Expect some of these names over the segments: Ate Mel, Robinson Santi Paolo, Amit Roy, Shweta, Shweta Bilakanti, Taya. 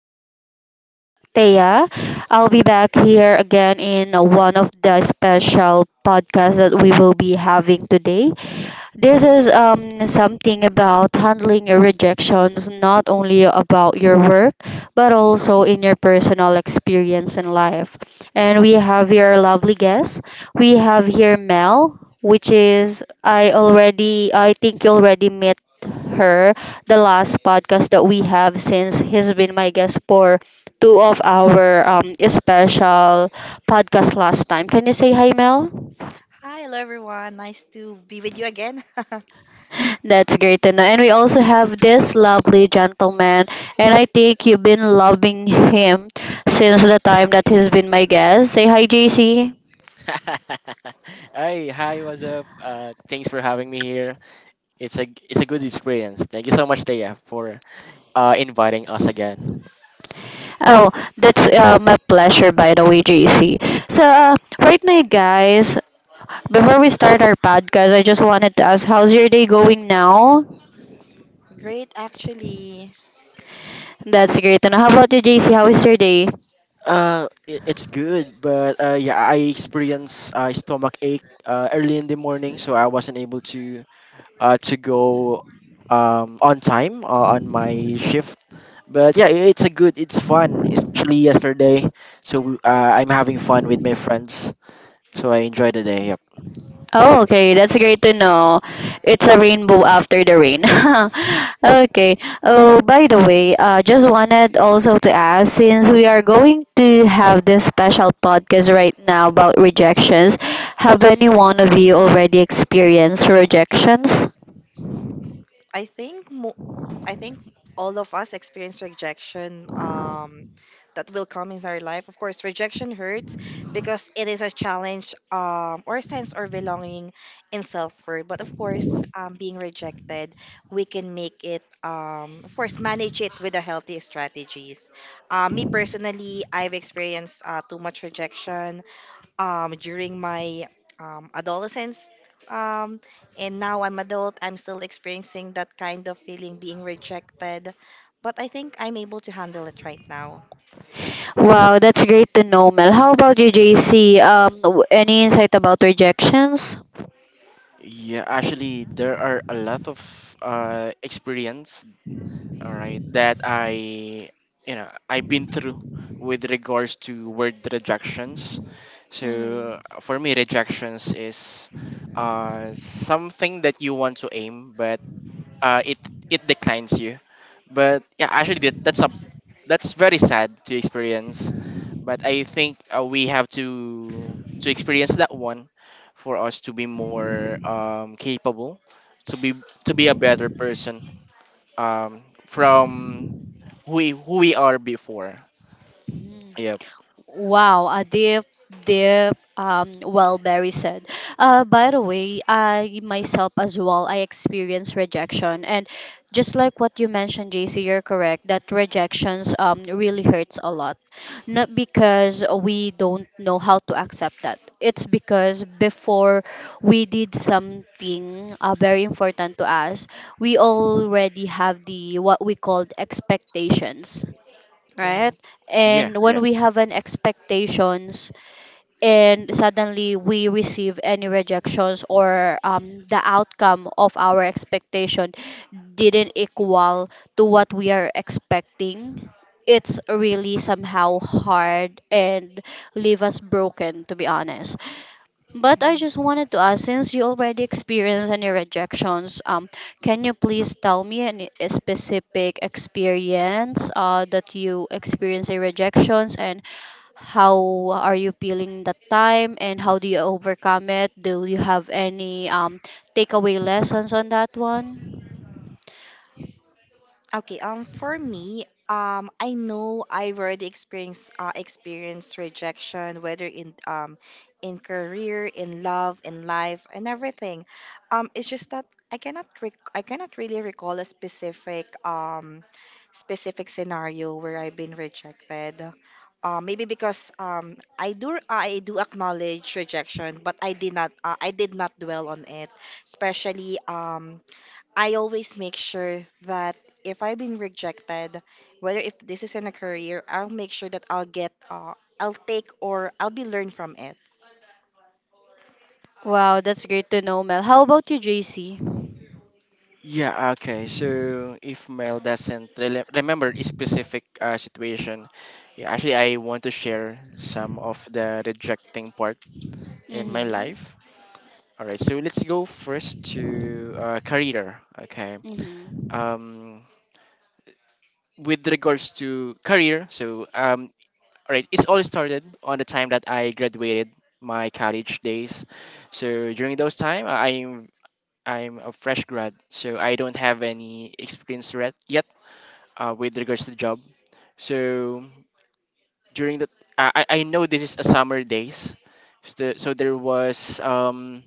your host, Thea. I'll be back here again in one of the special podcasts that we will be having today. This is something about handling your rejections, not only about your work, but also in your personal experience in life. And we have here lovely guest. We have here Mel, which is, I think you already met her, the last podcast that we have since he's been my guest for two of our special podcast last time. Can you say hi, Mel? Hi, hello everyone. Nice to be with you again. That's great to know. And we also have this lovely gentleman, and I think you've been loving him since the time that he's been my guest. Say hi, JC. Hi, what's up? Thanks for having me here. It's a good experience. Thank you so much, Taya, for inviting us again. Oh, that's my pleasure, by the way, JC. So, right now, guys, before we start our podcast, I just wanted to ask, how's your day going now? Great, actually. That's great to know. How about you, JC? How is your day? It's good, but yeah, I experienced stomach ache early in the morning, so I wasn't able to go on time on my shift. But yeah, it's fun, especially yesterday. So I'm having fun with my friends, so I enjoy the day. Yep. Oh, okay. That's great to know. It's a rainbow after the rain. Okay. Oh, by the way, just wanted also to ask, since we are going to have this special podcast right now about rejections, have any one of you already experienced rejections? I think mo- I think all of us experience rejection that will come in our life. Of course, rejection hurts because it is a challenge, or sense or belonging in self-worth. But of course, being rejected, we can make it. Of course, manage it with the healthy strategies. Me personally, I've experienced too much rejection during my adolescence. Um, and now I'm adult, I'm still experiencing that kind of feeling being rejected. But I think I'm able to handle it right now. Wow, that's great to know, Mel. How about you, JC? Any insight about rejections? Yeah, actually, there are a lot of experience, all right, that I've been through with regards to word rejections. Mm-hmm. So for me, rejections is something that you want to aim, but uh, it it declines you. But yeah, actually, that's very sad to experience, but I think we have to experience that one for us to be more capable to be a better person from who we are before. Yep. Wow, a deep, deep, well, Barry said. By the way, I myself as well, I experienced rejection. And just like what you mentioned, JC, you're correct that rejections really hurts a lot. Not because we don't know how to accept that. It's because before we did something very important to us, we already have the what we called expectations, Yeah. right? yeah And when yeah we have an expectations and suddenly we receive any rejections or the outcome of our expectation didn't equal to what we are expecting, it's really somehow hard and leave us broken, to be honest. But I just wanted to ask, since you already experienced any rejections, can you please tell me any specific experience that you experienced a rejections, and how are you feeling that time and how do you overcome it? Do you have any takeaway lessons on that one? Okay, for me, I know I've already experienced rejection, whether in career, in love, in life, and everything. It's just that I cannot really recall a specific scenario where I've been rejected. Maybe because I do acknowledge rejection, but I did not dwell on it, especially I always make sure that if I've been rejected, whether if this is in a career, I'll make sure that I'll get, I'll take or I'll be learned from it. Wow, that's great to know, Mel. How about you, JC? Yeah. Okay, so if Mel doesn't rele remember a specific situation, yeah, actually I want to share some of the rejecting part in my Mm-hmm. life. All right, so let's go first to career. Okay. Mm-hmm. Um, with regards to career, so all right, it's all started on the time that I graduated my college days. So during those time, I'm a fresh grad, so I don't have any experience yet with regards to the job. So during the I know this is a summer days, so, so there was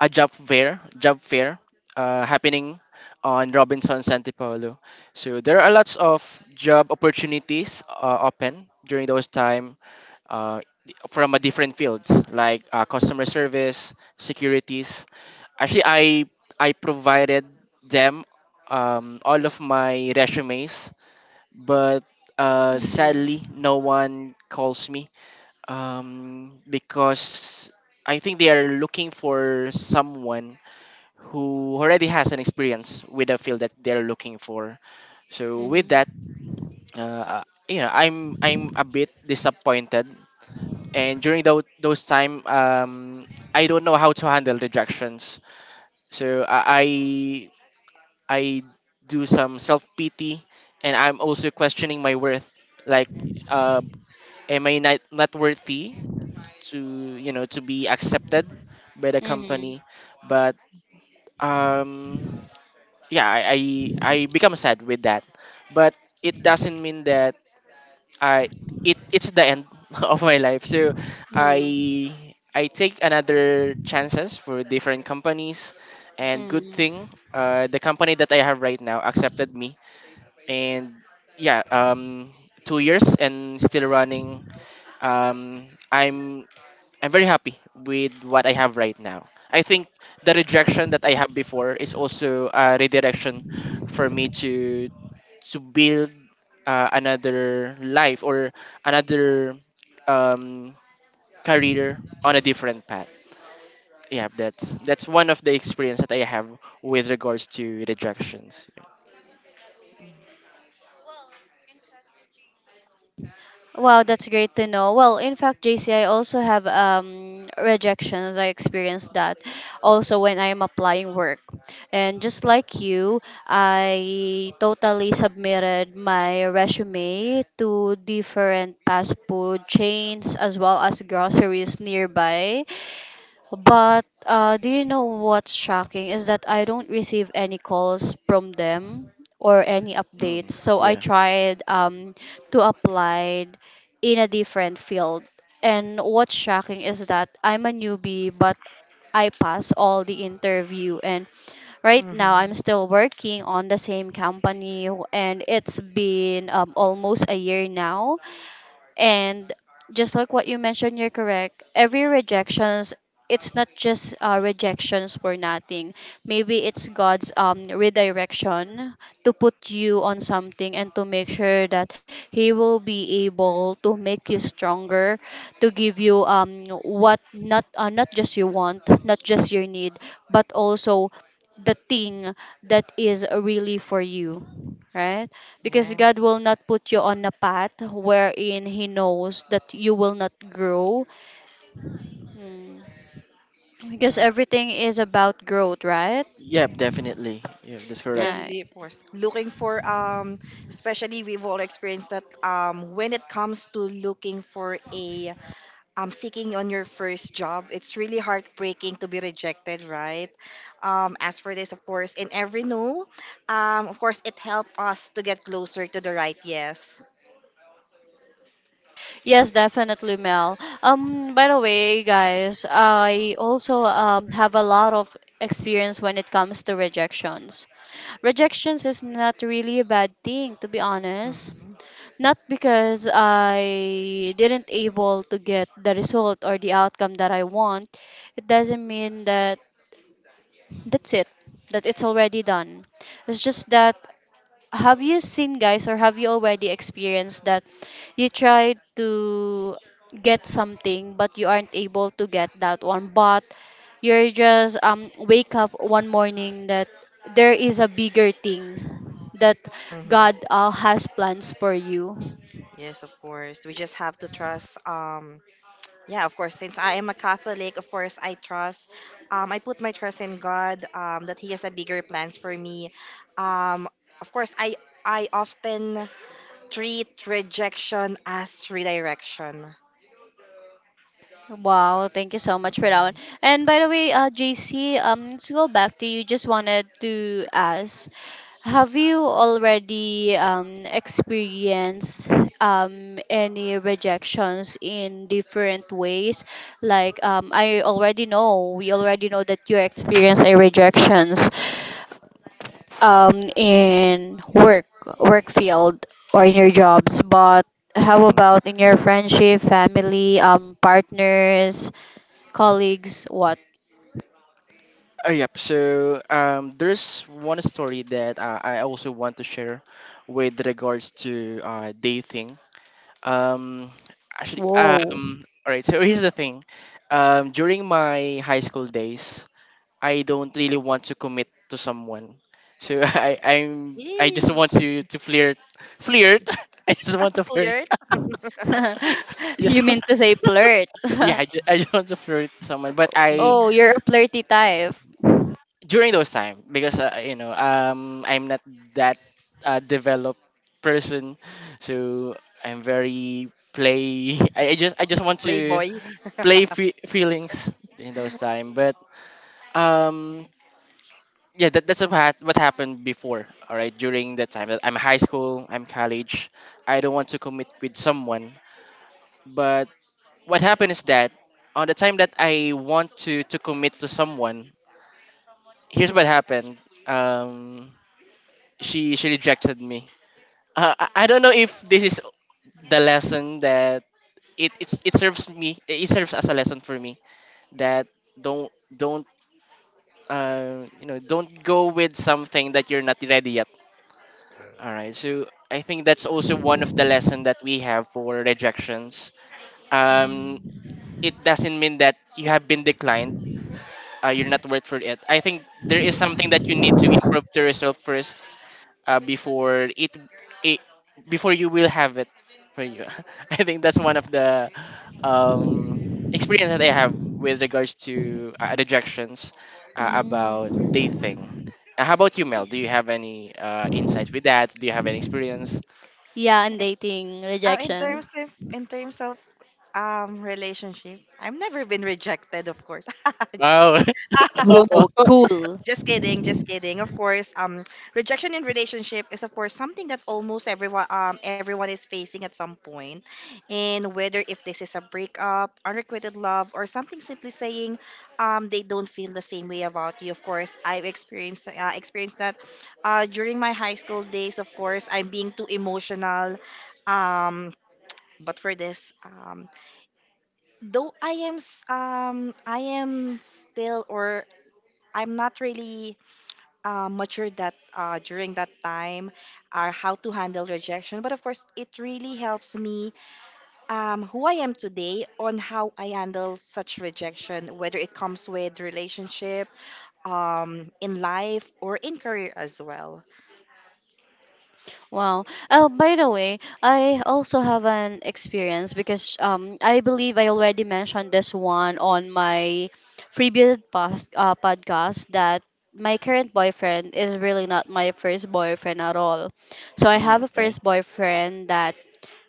a job fair happening on Robinson Santi Paolo. So there are lots of job opportunities open during those time uh, from a different fields like customer service, securities. Actually, I provided them all of my resumes, but Mm-hmm. sadly, no one calls me because I think they are looking for someone who already has an experience with the field that they're looking for. So with that, Mm-hmm. You know, I'm a bit disappointed. And during those time, I don't know how to handle rejections. So I do some self pity, and I'm also questioning my worth. Like, uh, am I not worthy to, you know, to be accepted by the Mm-hmm. company? But um yeah, I, I become sad with that, but it doesn't mean that I it it's the end of my life. So Mm-hmm. I take another chances for different companies. And good Mm-hmm. thing the company that I have right now accepted me. And yeah, 2 years and still running. um i'm I'm very happy with what I have right now. I think the rejection that I have before is also a redirection for me to build another life or another um, career on a different path. Yeah, that's one of the experience that I have with regards to rejections. Wow, that's great to know. Well, in fact, JC, I also have rejections. I experienced that also when I'm applying work. And just like you, I totally submitted my resume to different fast food chains as well as groceries nearby. But do you know what's shocking is that I don't receive any calls from them or any updates. Mm, So I yeah. tried to apply in a different field. And what's shocking is that I'm a newbie, but I pass all the interview. And right now, hmm I'm still working on the same company, and it's been almost a year now, and just like what you mentioned, you're correct. Every rejections, it's not just rejections for nothing. Maybe it's God's redirection to put you on something and to make sure that He will be able to make you stronger, to give you what not not just you want, not just your need, but also the thing that is really for you, right? Because Yeah, God will not put you on a path wherein He knows that you will not grow. Mm. Because yes. everything is about growth, right? Yeah, hmm definitely. Yeah, that's We correct. are Uh, really forced. Looking for, especially we've all experienced that when it comes to looking for a seeking on your first job, it's really heartbreaking to be rejected, right? As for this, of course, in every no, of course, it helped us to get closer to the right yes. Yes, definitely, Mel. By the way, guys, I also have a lot of experience when it comes to rejections. Rejections is not really a bad thing, to be honest. Mm-hmm. Not because I didn't able to get the result or the outcome that I want, it doesn't mean that that's it, that it's already done. It's just that, have you seen guys or have you already experienced that you try to get something but you aren't able to get that one but you're just wake up one morning that there is a bigger thing that god Mm-hmm. Has plans for you. Yes, of course. We just have to trust. Yeah, of course. Since I am a Catholic, of course, I trust. I put my trust in God. That He has a bigger plans for me. Um, of course, I often treat rejection as redirection. Wow, thank you so much for that one. Mm-hmm. And by the way, JC, let's go back to you. Just wanted to ask, have you already experienced any rejections in different ways? Like I already know, we already know that you experience a rejections in work, work field, or in your jobs, but how Hmm. about in your friendship, family, partners, colleagues, what? Yep. So there's one story that I also want to share with regards to dating. Um, Whoa. All right. So here's the thing. During my high school days, I don't really want to commit to someone. So I just Yay, want to flirt. I just want to flirt. flirt, I just, You mean to say flirt? yeah, I just want to flirt someone, but I mm, Oh, you're a flirty type. during those time, because you know, I'm not that developed person. So I'm very play I just want to playboy. play feelings in those time. But um yeah, that's what happened before. All right, during that time that I'm high school, I'm college, I don't want to commit with someone. But what happened is that on the time that I want to commit to someone, here's what happened. um she rejected me. I don't know if this is the lesson that it serves me. It serves as a lesson for me that don't you know, don't go with something that you're not ready yet. All right, so I think that's also one of the lesson that we have for rejections. Um, Mm. it doesn't mean that you have been declined. You're not worth for it. I think there is something that you need to improve to yourself first uh, before it, it before you will have it for you. I think that's one of the um, experience that I have with regards to rejections about Mm. dating. How about you, Mel? Do you have any insights with that? Do you have any experience? Yeah, and dating Uh, in rejections. terms of in terms of relationship, I've never been rejected, of course. Wow. Opo. Whoa, cool. Just kidding, just kidding. Of course, rejection in relationship is of course something that almost everyone is facing at some point, and whether if this is a breakup, unrequited love, or something simply saying, they don't feel the same way about you. Of course, I've experienced that, during my high school days. Of course, I'm being too emotional, um, but for this, though I am still or I'm not really matured that during that time are how to handle rejection. But of course, it really helps me who I am today on how I handle such rejection, whether it comes with relationship, in life, or in career as well. Wow. Oh, by the way, I also have an experience because I believe I already mentioned this one on my podcast that my current boyfriend is really not my first boyfriend at all. So I Mm, have a okay. first boyfriend that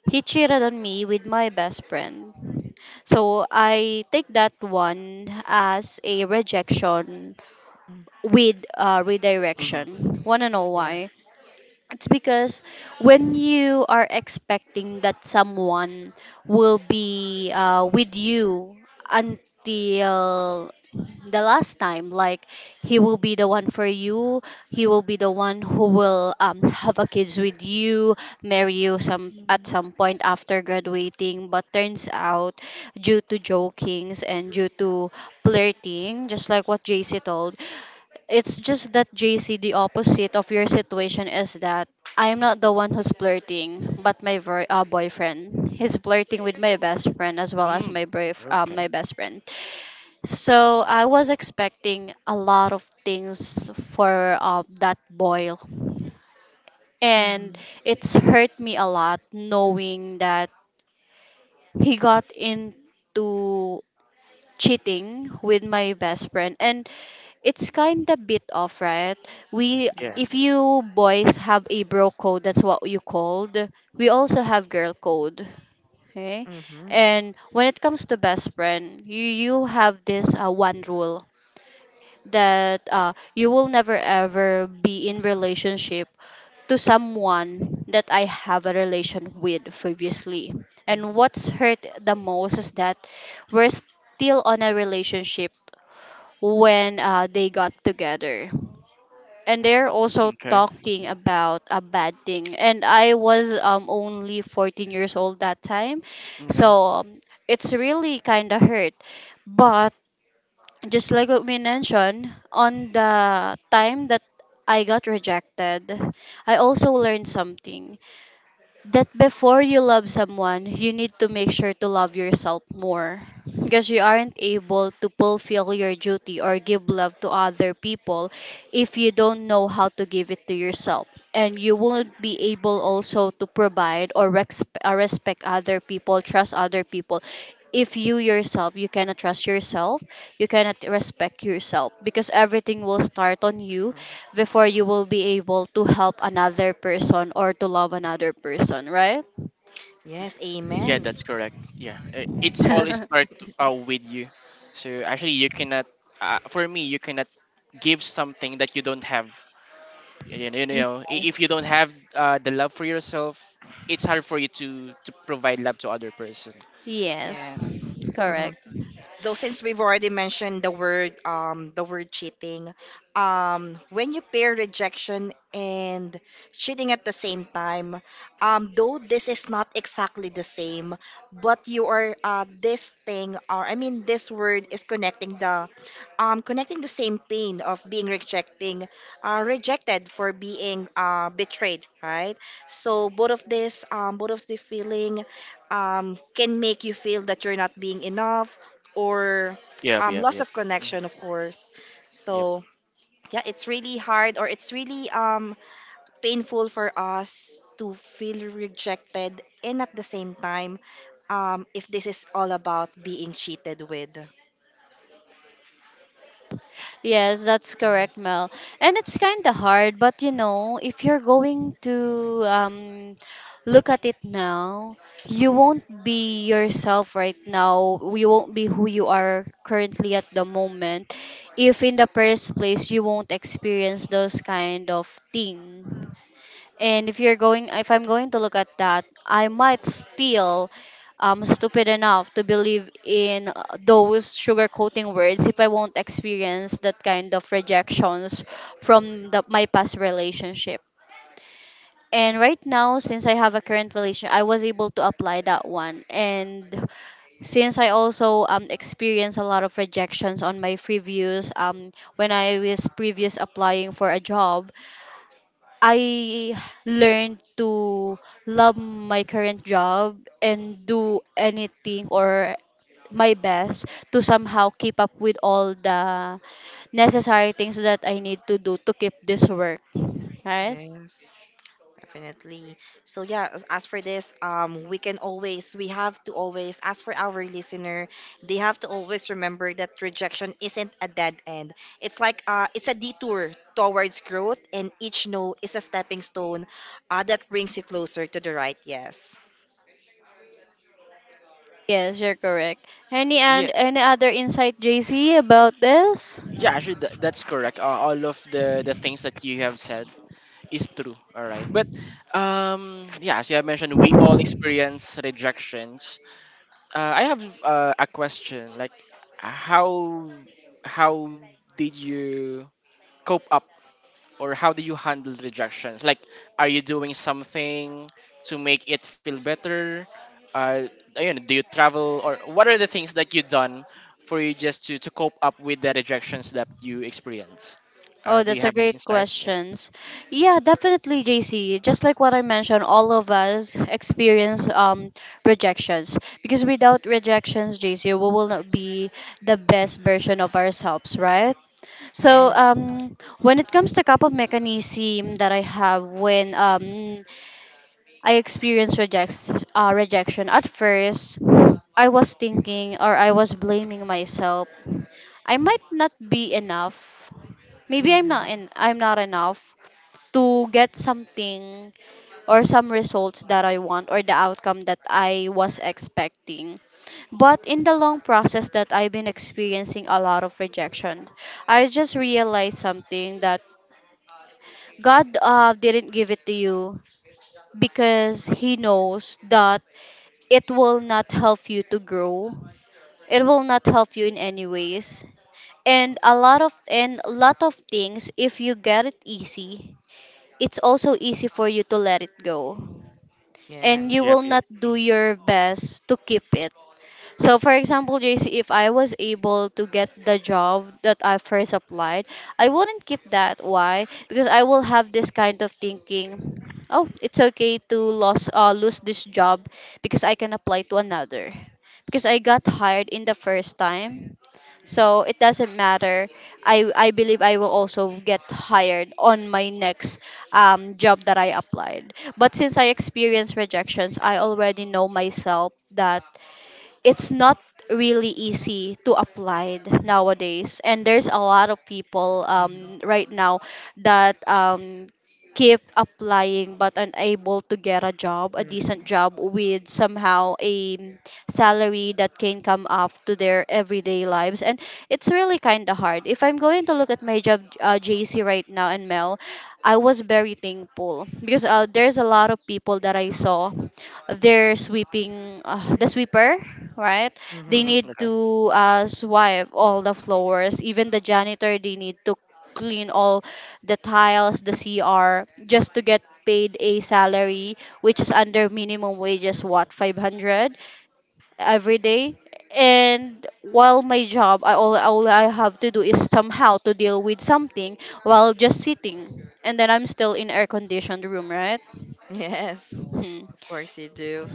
he cheated on me with my best friend. So I take that one as a rejection Mm, with Mm-hmm. redirection. Wanna know yeah. why? It's because when you are expecting that someone will be with you until the last time, like he will be the one for you, he will be the one who will have a kids with you, marry you some at some point after graduating. But turns out, due to jokings and due to flirting, just like what JC told, it's just that JC, the opposite of your situation is that I'm not the one who's flirting, but my boyfriend. He's flirting with my best friend as well as Mm, my okay. my best friend. So I was expecting a lot of things for that boy, and Mm-hmm. it's hurt me a lot knowing that he got into cheating with my best friend, and it's kind of bit off, right? We, Yeah. if Yeah. Yes. you boys have a bro code, that's what you called, we also have girl code, okay? Mm-hmm. Mm-hmm. And when it comes to best friend, you have this one rule, that you will never ever be in relationship to someone that I have a relation with previously. And what's hurt the most is that we're still on a relationship when they got together, and they're Mm, also okay. talking Mm, about a bad thing, and I was only 14 years old that time. okay. So it's really kind of hurt, but just like what we mentioned, on the time that I got rejected, I also learned something, that before you love someone, you need to make sure to love yourself more, because you aren't able to fulfill your duty or give love to other people if you don't know how to give it to yourself. And you won't be able also to provide or respect other people, trust other people, if you yourself you cannot trust yourself, you cannot respect yourself, because everything will start on you Mm-hmm. before you will be able to help another person or to love another person, right? Yes. Yeah, Amen. that's correct. Yeah, it's all start with you. So actually, you cannot. For me, you cannot give something that you don't have. Yes. If you don't have the love for yourself, it's hard for you to provide love to other person. Yes. Yes. Mm-hmm. Correct. Though since we've already mentioned the word, the word cheating, when you pair rejection and cheating at the same time, though this is not exactly the same, but you are, this thing, or I mean this word is connecting the, connecting the same pain of being rejecting rejected for being betrayed, right? So both of this, both of the feeling, can make you feel that you're not being enough or, Yep, yep, loss yep. of Mhm. connection, of course. Yep. So yeah, it's really hard, or it's really painful for us to feel rejected, and at the same time, if this is all about being cheated with. Yes, that's correct, Mel. And it's kind of hard, but you know, if you're going to look at it now, you won't be yourself right now. You won't be who you are currently at the moment. If in the first place you won't experience those kind of thing, and if you're going, if I'm going to look at that, I might still stupid enough to believe in those sugarcoating words if I won't experience that kind of rejections from my past relationship. And right now, since I have a current relation, I was able to apply that one. And since I also experienced a lot of rejections on my previous when I was previous applying for a job, I learned to love my current job and do anything or my best to somehow keep up with all the necessary things that I need to do to keep this work. Right? Yes. Definitely. So yeah, as for this, we can always, we have to always, as for our listener, they have to always remember that rejection isn't a dead end. It's like, it's a detour towards growth, and each no is a stepping stone, that brings you closer to the right yes. Yes, you're correct. Any and Yeah, any other insight, JC, about this? yeah. Actually, that's correct. All of the things that you have said is true. All right, but yeah. As you have mentioned, we all experience rejections. I have a question. Like, how how did you cope up, or how do you handle rejections? Like, are you doing something to make it feel better? Uh, you know, do you travel, or what are the things that you done for you just to cope up with the rejections that you experience? Oh, Do you that's a have any great insight? Yeah. questions. Mhm. Yeah, definitely, JC. Just like what I mentioned, all of us experience rejections, because without rejections, JC, we will not be the best version of ourselves, right? So Yes. When it comes to couple mechanism that I have when I experienced rejection. At first, I was thinking or I was blaming myself. I might not be enough. Maybe Mm-hmm. I'm not enough to get something or some results that I want or the outcome that I was expecting. But in the long process that I've been experiencing a lot of rejection, I just realized something, that God didn't give it to you because he knows that it will not help you to grow. It will not help you in any ways. And a lot of and a lot of things if you get it easy, it's also easy for you to let it go. And you Yes. Yep. will Yep. not do your best to keep it. So for example, JC, if I was able to get the job that I first applied, I wouldn't keep that. Why? Because I will have this kind of thinking, oh, it's okay to lose lose this job because I can apply to another. Because I got hired in the first time. So it doesn't matter. I believe I will also get hired on my next job that I applied. But since I experienced rejections, I already know myself that it's not really easy to apply nowadays, and there's a lot of people Mm-hmm. Right now that keep applying but unable to get a job, a decent job Mm-hmm. with somehow a salary that can come up to their everyday lives. And it's really kind of hard. If I'm going to look at my job, JC, right now, and Mel, I was very thankful because there's a lot of people that I saw their sweeping, the sweeper, right? They Mm-hmm. Mm-hmm. need Okay. to swipe all the floors. Even the janitor, they need to clean all the tiles, the CR, just to get paid a salary which is under minimum wages, what, Mm-hmm. 500 every day. And while my job, all I have to do is somehow to deal with something while just sitting, and then I'm still in air conditioned room, right? Yes. Hmm. Of course you do.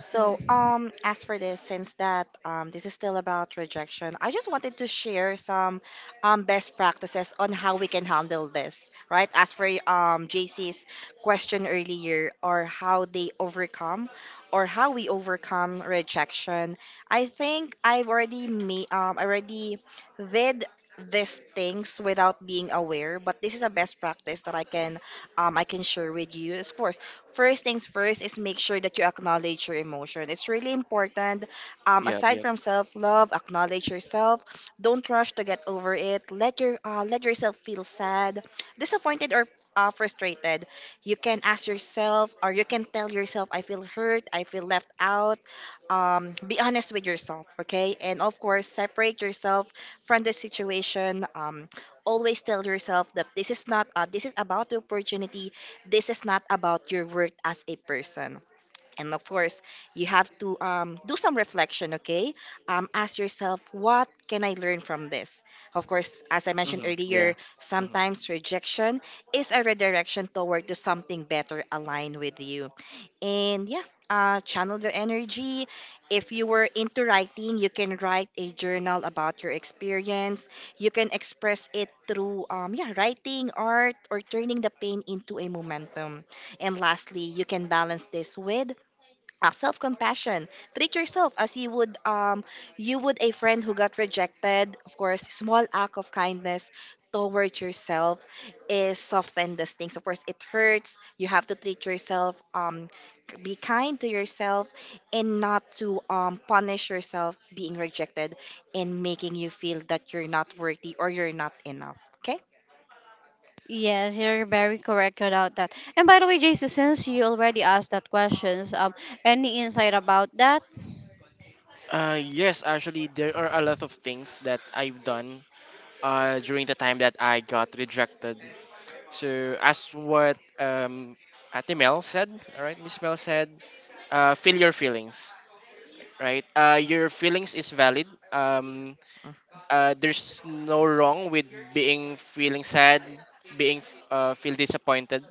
So, as for this, since that this is still about rejection, I just wanted to share some best practices on how we can handle this, right? As for JC's question earlier, or how they overcome, or how we overcome rejection, I think I've already made, I already did these things without being aware, but this is a best practice that I can, I can share with you. Of course, first things first is make sure that you acknowledge your emotion. It's really important. Yep. Aside Yep. from self love, acknowledge yourself. Don't rush to get over it. Let yourself feel sad, disappointed, or frustrated. You can ask yourself, or you can tell yourself, "I feel hurt. I feel left out." Be honest with yourself, okay? And of course, separate yourself from the situation. Always tell yourself that this is not this is about the opportunity. This is not about your worth as a person. And of course, you have to, do some reflection, okay? Ask yourself, what can I learn from this? Of course, as I mentioned Hmm. Yeah. earlier, Mm-hmm. sometimes rejection is a redirection toward to something better aligned with you. And yeah, channel the energy. If you were into writing, you can write a journal about your experience. You can express it through, yeah, writing, art, or turning the pain into a momentum. And lastly, you can balance this with self-compassion. Treat yourself as you would, you would a friend who got rejected. Of course, small act of kindness towards yourself is soften the stings. Of course it hurts. You have to treat yourself, be kind to yourself, and not to punish yourself being rejected and making you feel that you're not worthy or you're not enough, okay. Yes, you're very correct about that. And by the way, Jason, since you already asked that questions, any insight about that? Yes, actually, there are a lot of things that I've done during the time that I got rejected. So, as what Ate Mel said, all right, Miss Mel said, feel your feelings, right? Your feelings is valid. Mm. There's no wrong with being feeling sad, being feel disappointed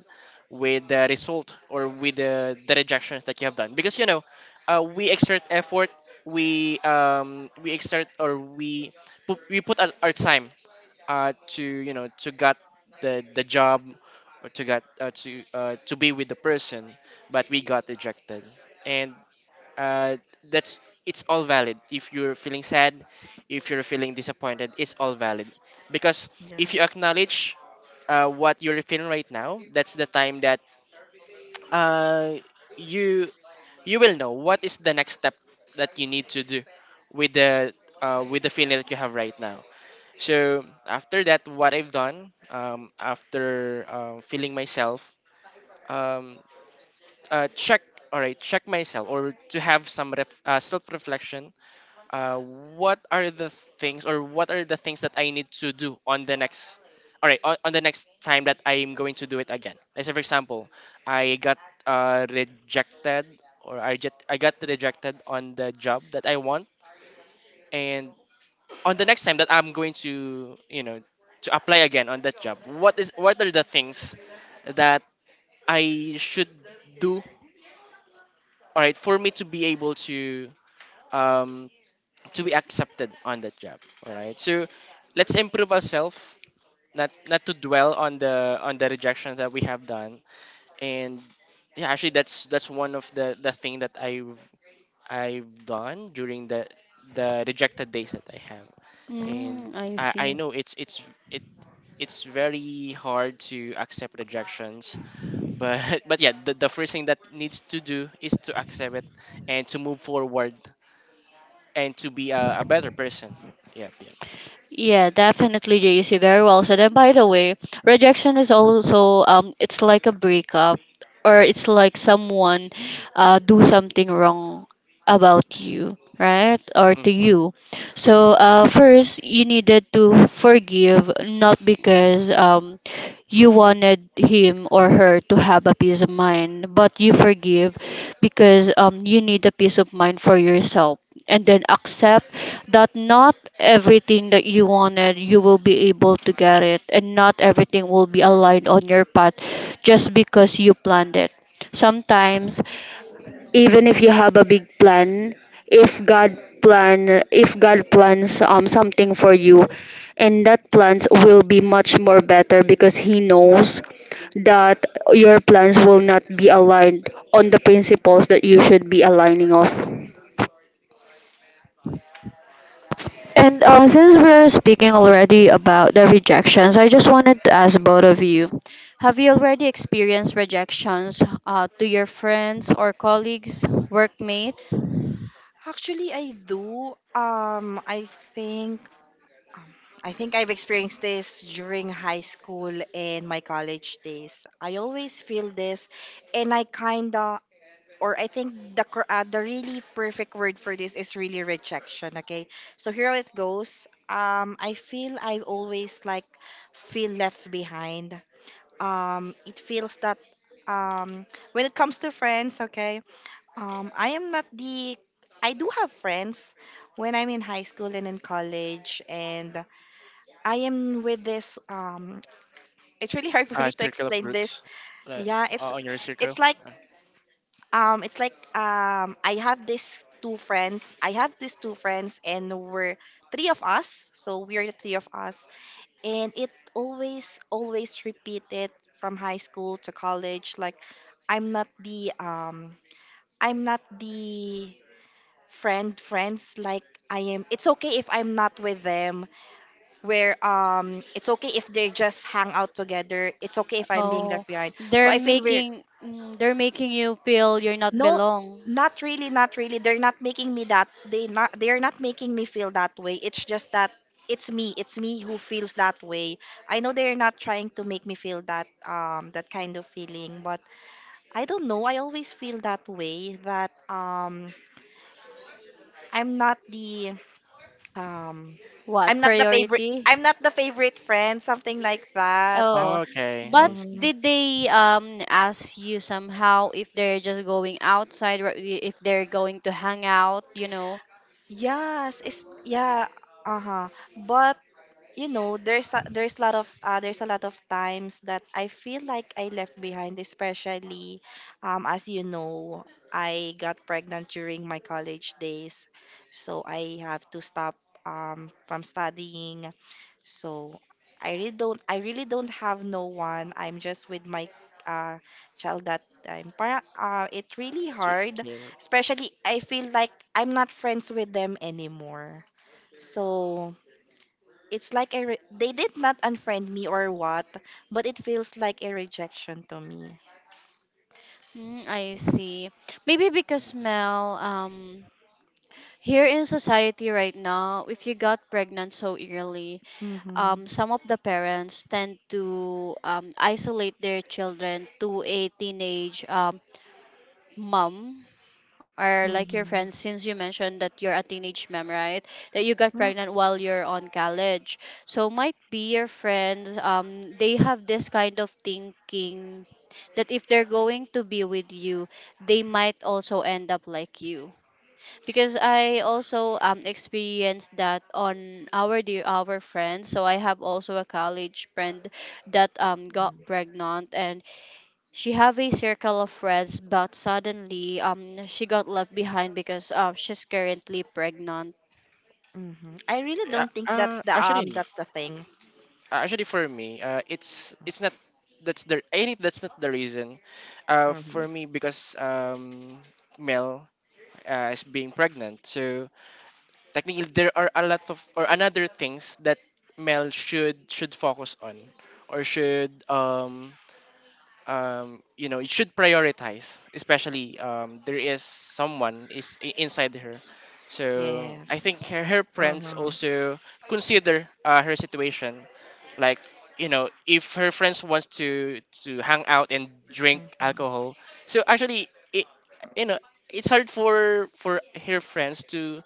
with the result or with the rejections that you have done, because you know we exert effort, we exert or we we put our time to, you know, to get the job or to get to be with the person, but we got rejected. And uh, that's, it's all valid if you're feeling sad, if you're feeling disappointed. It's all valid, because if you Yes. acknowledge what you're feeling right now, that's the time that uh, you you will know what is the next step that you need to do with the with the feeling that you have right now. So after that, what I've done, after feeling myself, um, check, all right, check myself, or to have some self reflection, uh, what are the things or what are the things that I need to do on the next, all right, on the next time that I am going to do it again. Let's say, for example, I got rejected, or I get I got rejected on the job that I want. And on the next time that I'm going to, you know, to apply again on that job. What is, what are the things that I should do, all right, for me to be able um, to be accepted on that job. All right, so let's improve ourselves, not to dwell on the rejection that we have done. And yeah, actually, that's one of the thing that I've done during the rejected days that I have. And Mm, I I see. know it it's very hard to accept rejections, but but yeah, the first thing that needs to do is to accept it and to move forward and to be a better person. Yep, yep. Yeah, definitely, JC. Very well said. And by the way, rejection is also it's like a breakup, or it's like someone do something wrong about you, right? Or to Mhm. you. So first you needed to forgive, not because you wanted him or her to have a peace of mind, but you forgive because you need a peace of mind for yourself, and then accept that not everything that you wanted you will be able to get it, and not everything will be aligned on your path just because you planned it. Sometimes, even if you have a big plan, if god if God plans something for you, and that plans will be much more better because he knows that your plans will not be aligned on the principles that you should be aligning off. And since we're speaking already about the rejections, I just wanted to ask both of you, have you already experienced rejections to your friends or colleagues, workmate? Actually, I do. I think I think I've experienced this during high school and my college days. I always feel this, and I kinda, or I think the really perfect word for this is really rejection. Okay, so here it goes. I feel I always like feel left behind. It feels that when it comes to friends, okay, I am not the, I do have friends when I'm in high school and in college, and I am with this. It's really hard for me to Circle of explain roots, this. like Yeah, it's on your it's circle. like, it's like, I have these two friends. I have these two friends, and we're three of us. So we are the three of us, and it always repeated from high school to college. Like, I'm not the, I'm not the friend friends. Like I am. It's okay if I'm not with them, where it's okay if they just hang out together. It's okay if I'm being Oh, left behind. they're So I feel we're, making, they're making you feel you're not no, belong. not really, not really. They're not making me that, they are not making me feel that way. It's just that it's me. It's me who feels that way. I know they're not trying to make me feel that that kind of feeling, but I don't know. I always feel that way that I'm not the, um What I'm not the favorite, priority? I'm not the favorite friend, something like that. Oh, Okay, but I see. Mhm. did they ask you somehow if they're just going outside, or if they're going to hang out, you know? Yes, it's, yeah, uh-huh. But you know, there's a, there's a lot of times that I feel like I left behind, especially as you know, I got pregnant during my college days, so I have to stop from studying. So I really don't have no one. I'm just with my uh child that time. Para, uh, it's really To, hard, to, especially I feel like I'm not friends with them anymore. So it's like a, they did not unfriend me or what, but it feels like a rejection to me. Mm, I see. Maybe because, Mel, here in society right now, if you got pregnant so early, Mm-hmm. Some of the parents tend to isolate their children to a teenage mom, or like your Mm-hmm. friends, since you mentioned that you're a teenage mom, right? That you got Mm-hmm. pregnant while you're on college. So might be your friends, they have this kind of thinking that if they're going to be with you, they might also end up like you. Because I also experienced that on our friends. So I have also a college friend that got pregnant, and she have a circle of friends, but suddenly she got left behind because she's currently pregnant. Mm-hmm. I really uh, don't think that's uh, the, actually, n- that's the thing. Actually, for me, it's not that's the any that's not the reason. Mm-hmm. For me, because Mel is being pregnant, so technically, there are a lot of or another things that Mel should focus on or should you know, it should prioritize, especially there is someone is I- inside her. So I think Yes. Her friends Mm-hmm. also consider her situation, like, you know, if her friends wants to hang out and drink Mm-hmm. alcohol. So actually, you know, it's hard for her friends to,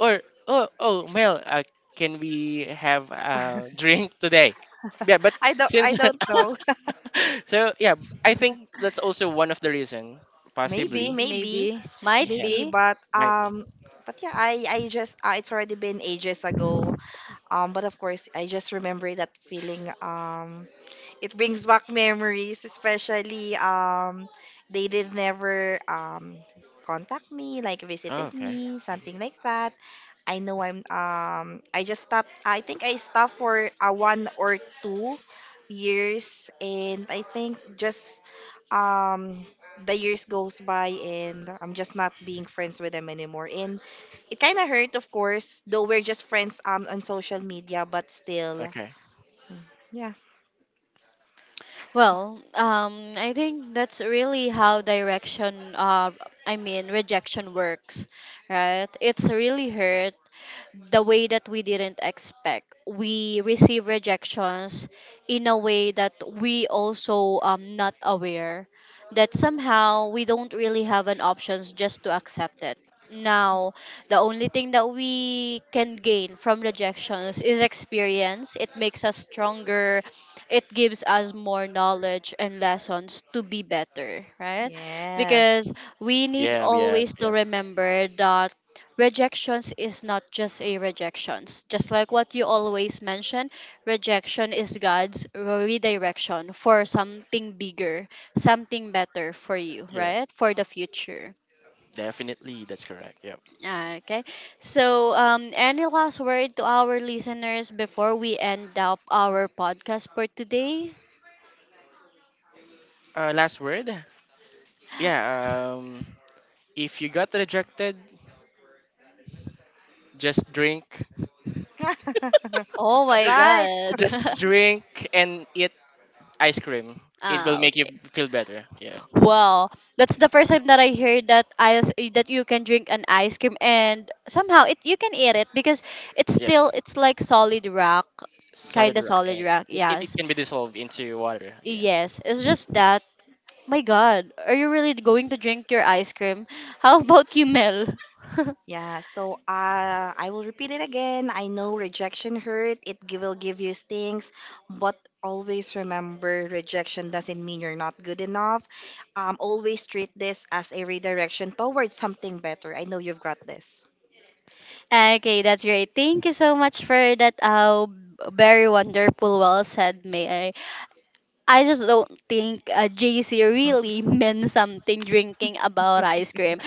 or oh, Mel, can we have a drink today? Yeah, but I don't I since don't know. so yeah, I think that's also one of the reason, maybe possibly. Mm, maybe. maybe Might Yeah, maybe, be. Might be. But yeah, I just, it's already been ages ago. But of course, I just remember that feeling. It brings back memories, especially they did never contact me, like Oh, visited okay. me, something like that. I know I'm, I just stopped. I think I stopped for a 1 or 2 years, and I think just um the years goes by, and I'm just not being friends with them anymore. And it kind of hurt, of course, though we're just friends on social media, but still, Okay. yeah. Well, I think that's really how direction I mean rejection works, right? It's really hurt the way that we didn't expect. We receive rejections in a way that we also not aware, that somehow we don't really have an options just to accept it. Now, the only thing that we can gain from rejections is experience. It makes us stronger. It gives us more knowledge and lessons to be better, right? Yes. Because we need Yeah, yeah, always yeah, to remember that rejections is not just a rejections. Just like what you always mention, rejection is God's redirection for something bigger, something better for you, yeah. right, for the future. Definitely, that's correct. Yep. Ah, okay, so any last word to our listeners before we end up our podcast for today? Last word. Yeah. If you got rejected, just drink. Oh my Right. God. Just drink and eat ice cream. It will Ah, make you okay. feel better. Yeah. Well, that's the first time that I heard that ice that you can drink an ice cream, and somehow it you can eat it because it's Yeah. still it's like solid rock, kind Solid of rock, solid and rock. It Yes, can be dissolved into water. Yeah. yes. It's just that. My God, are you really going to drink your ice cream? How about you, Mel? Yeah, so I will repeat it again. I know rejection hurt, will give you stings, but always remember rejection doesn't mean you're not good enough. Always treat this as a redirection towards something better. I know you've got this. Okay, that's great. Thank you so much for that. Very wonderful. Well said, May. I just don't think JC really meant something drinking about ice cream.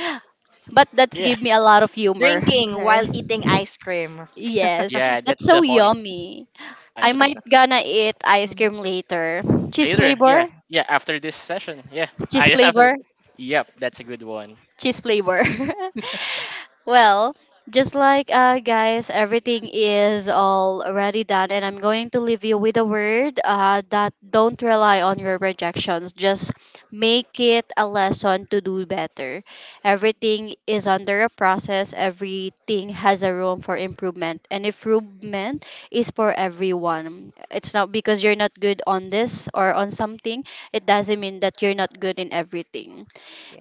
But that's Yeah. give me a lot of humor. Drinking Okay. while eating ice cream. Yes, Yeah. that's That's the so point, yummy. I actually. might gonna eat ice cream later. Cheese Later, yeah. flavor? Yeah, after this session. Yeah. Cheese I after. flavor? Yep, that's a good one. Cheese flavor. Well, just like, guys, everything is already done, and I'm going to leave you with a word, that don't rely on your rejections. Just make it a lesson to do better. Everything is under a process, everything has a room for improvement, and improvement is for everyone. It's not because you're not good on this or on something, it doesn't mean that you're not good in everything.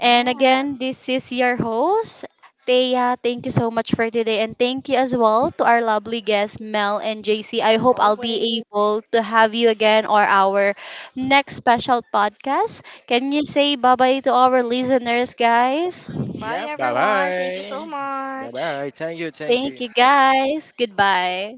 And again, this is your host, Thea. Thank you so much for today. And thank you as well to our lovely guests, Mel and JC. I hope I'll be always. able to have you again or our next special podcast. Can you say bye bye to our listeners, guys? Bye, Yep, bye everyone. Thank you so bye. Bye much. bye. Thank you, thank Thank you. you, guys. Goodbye.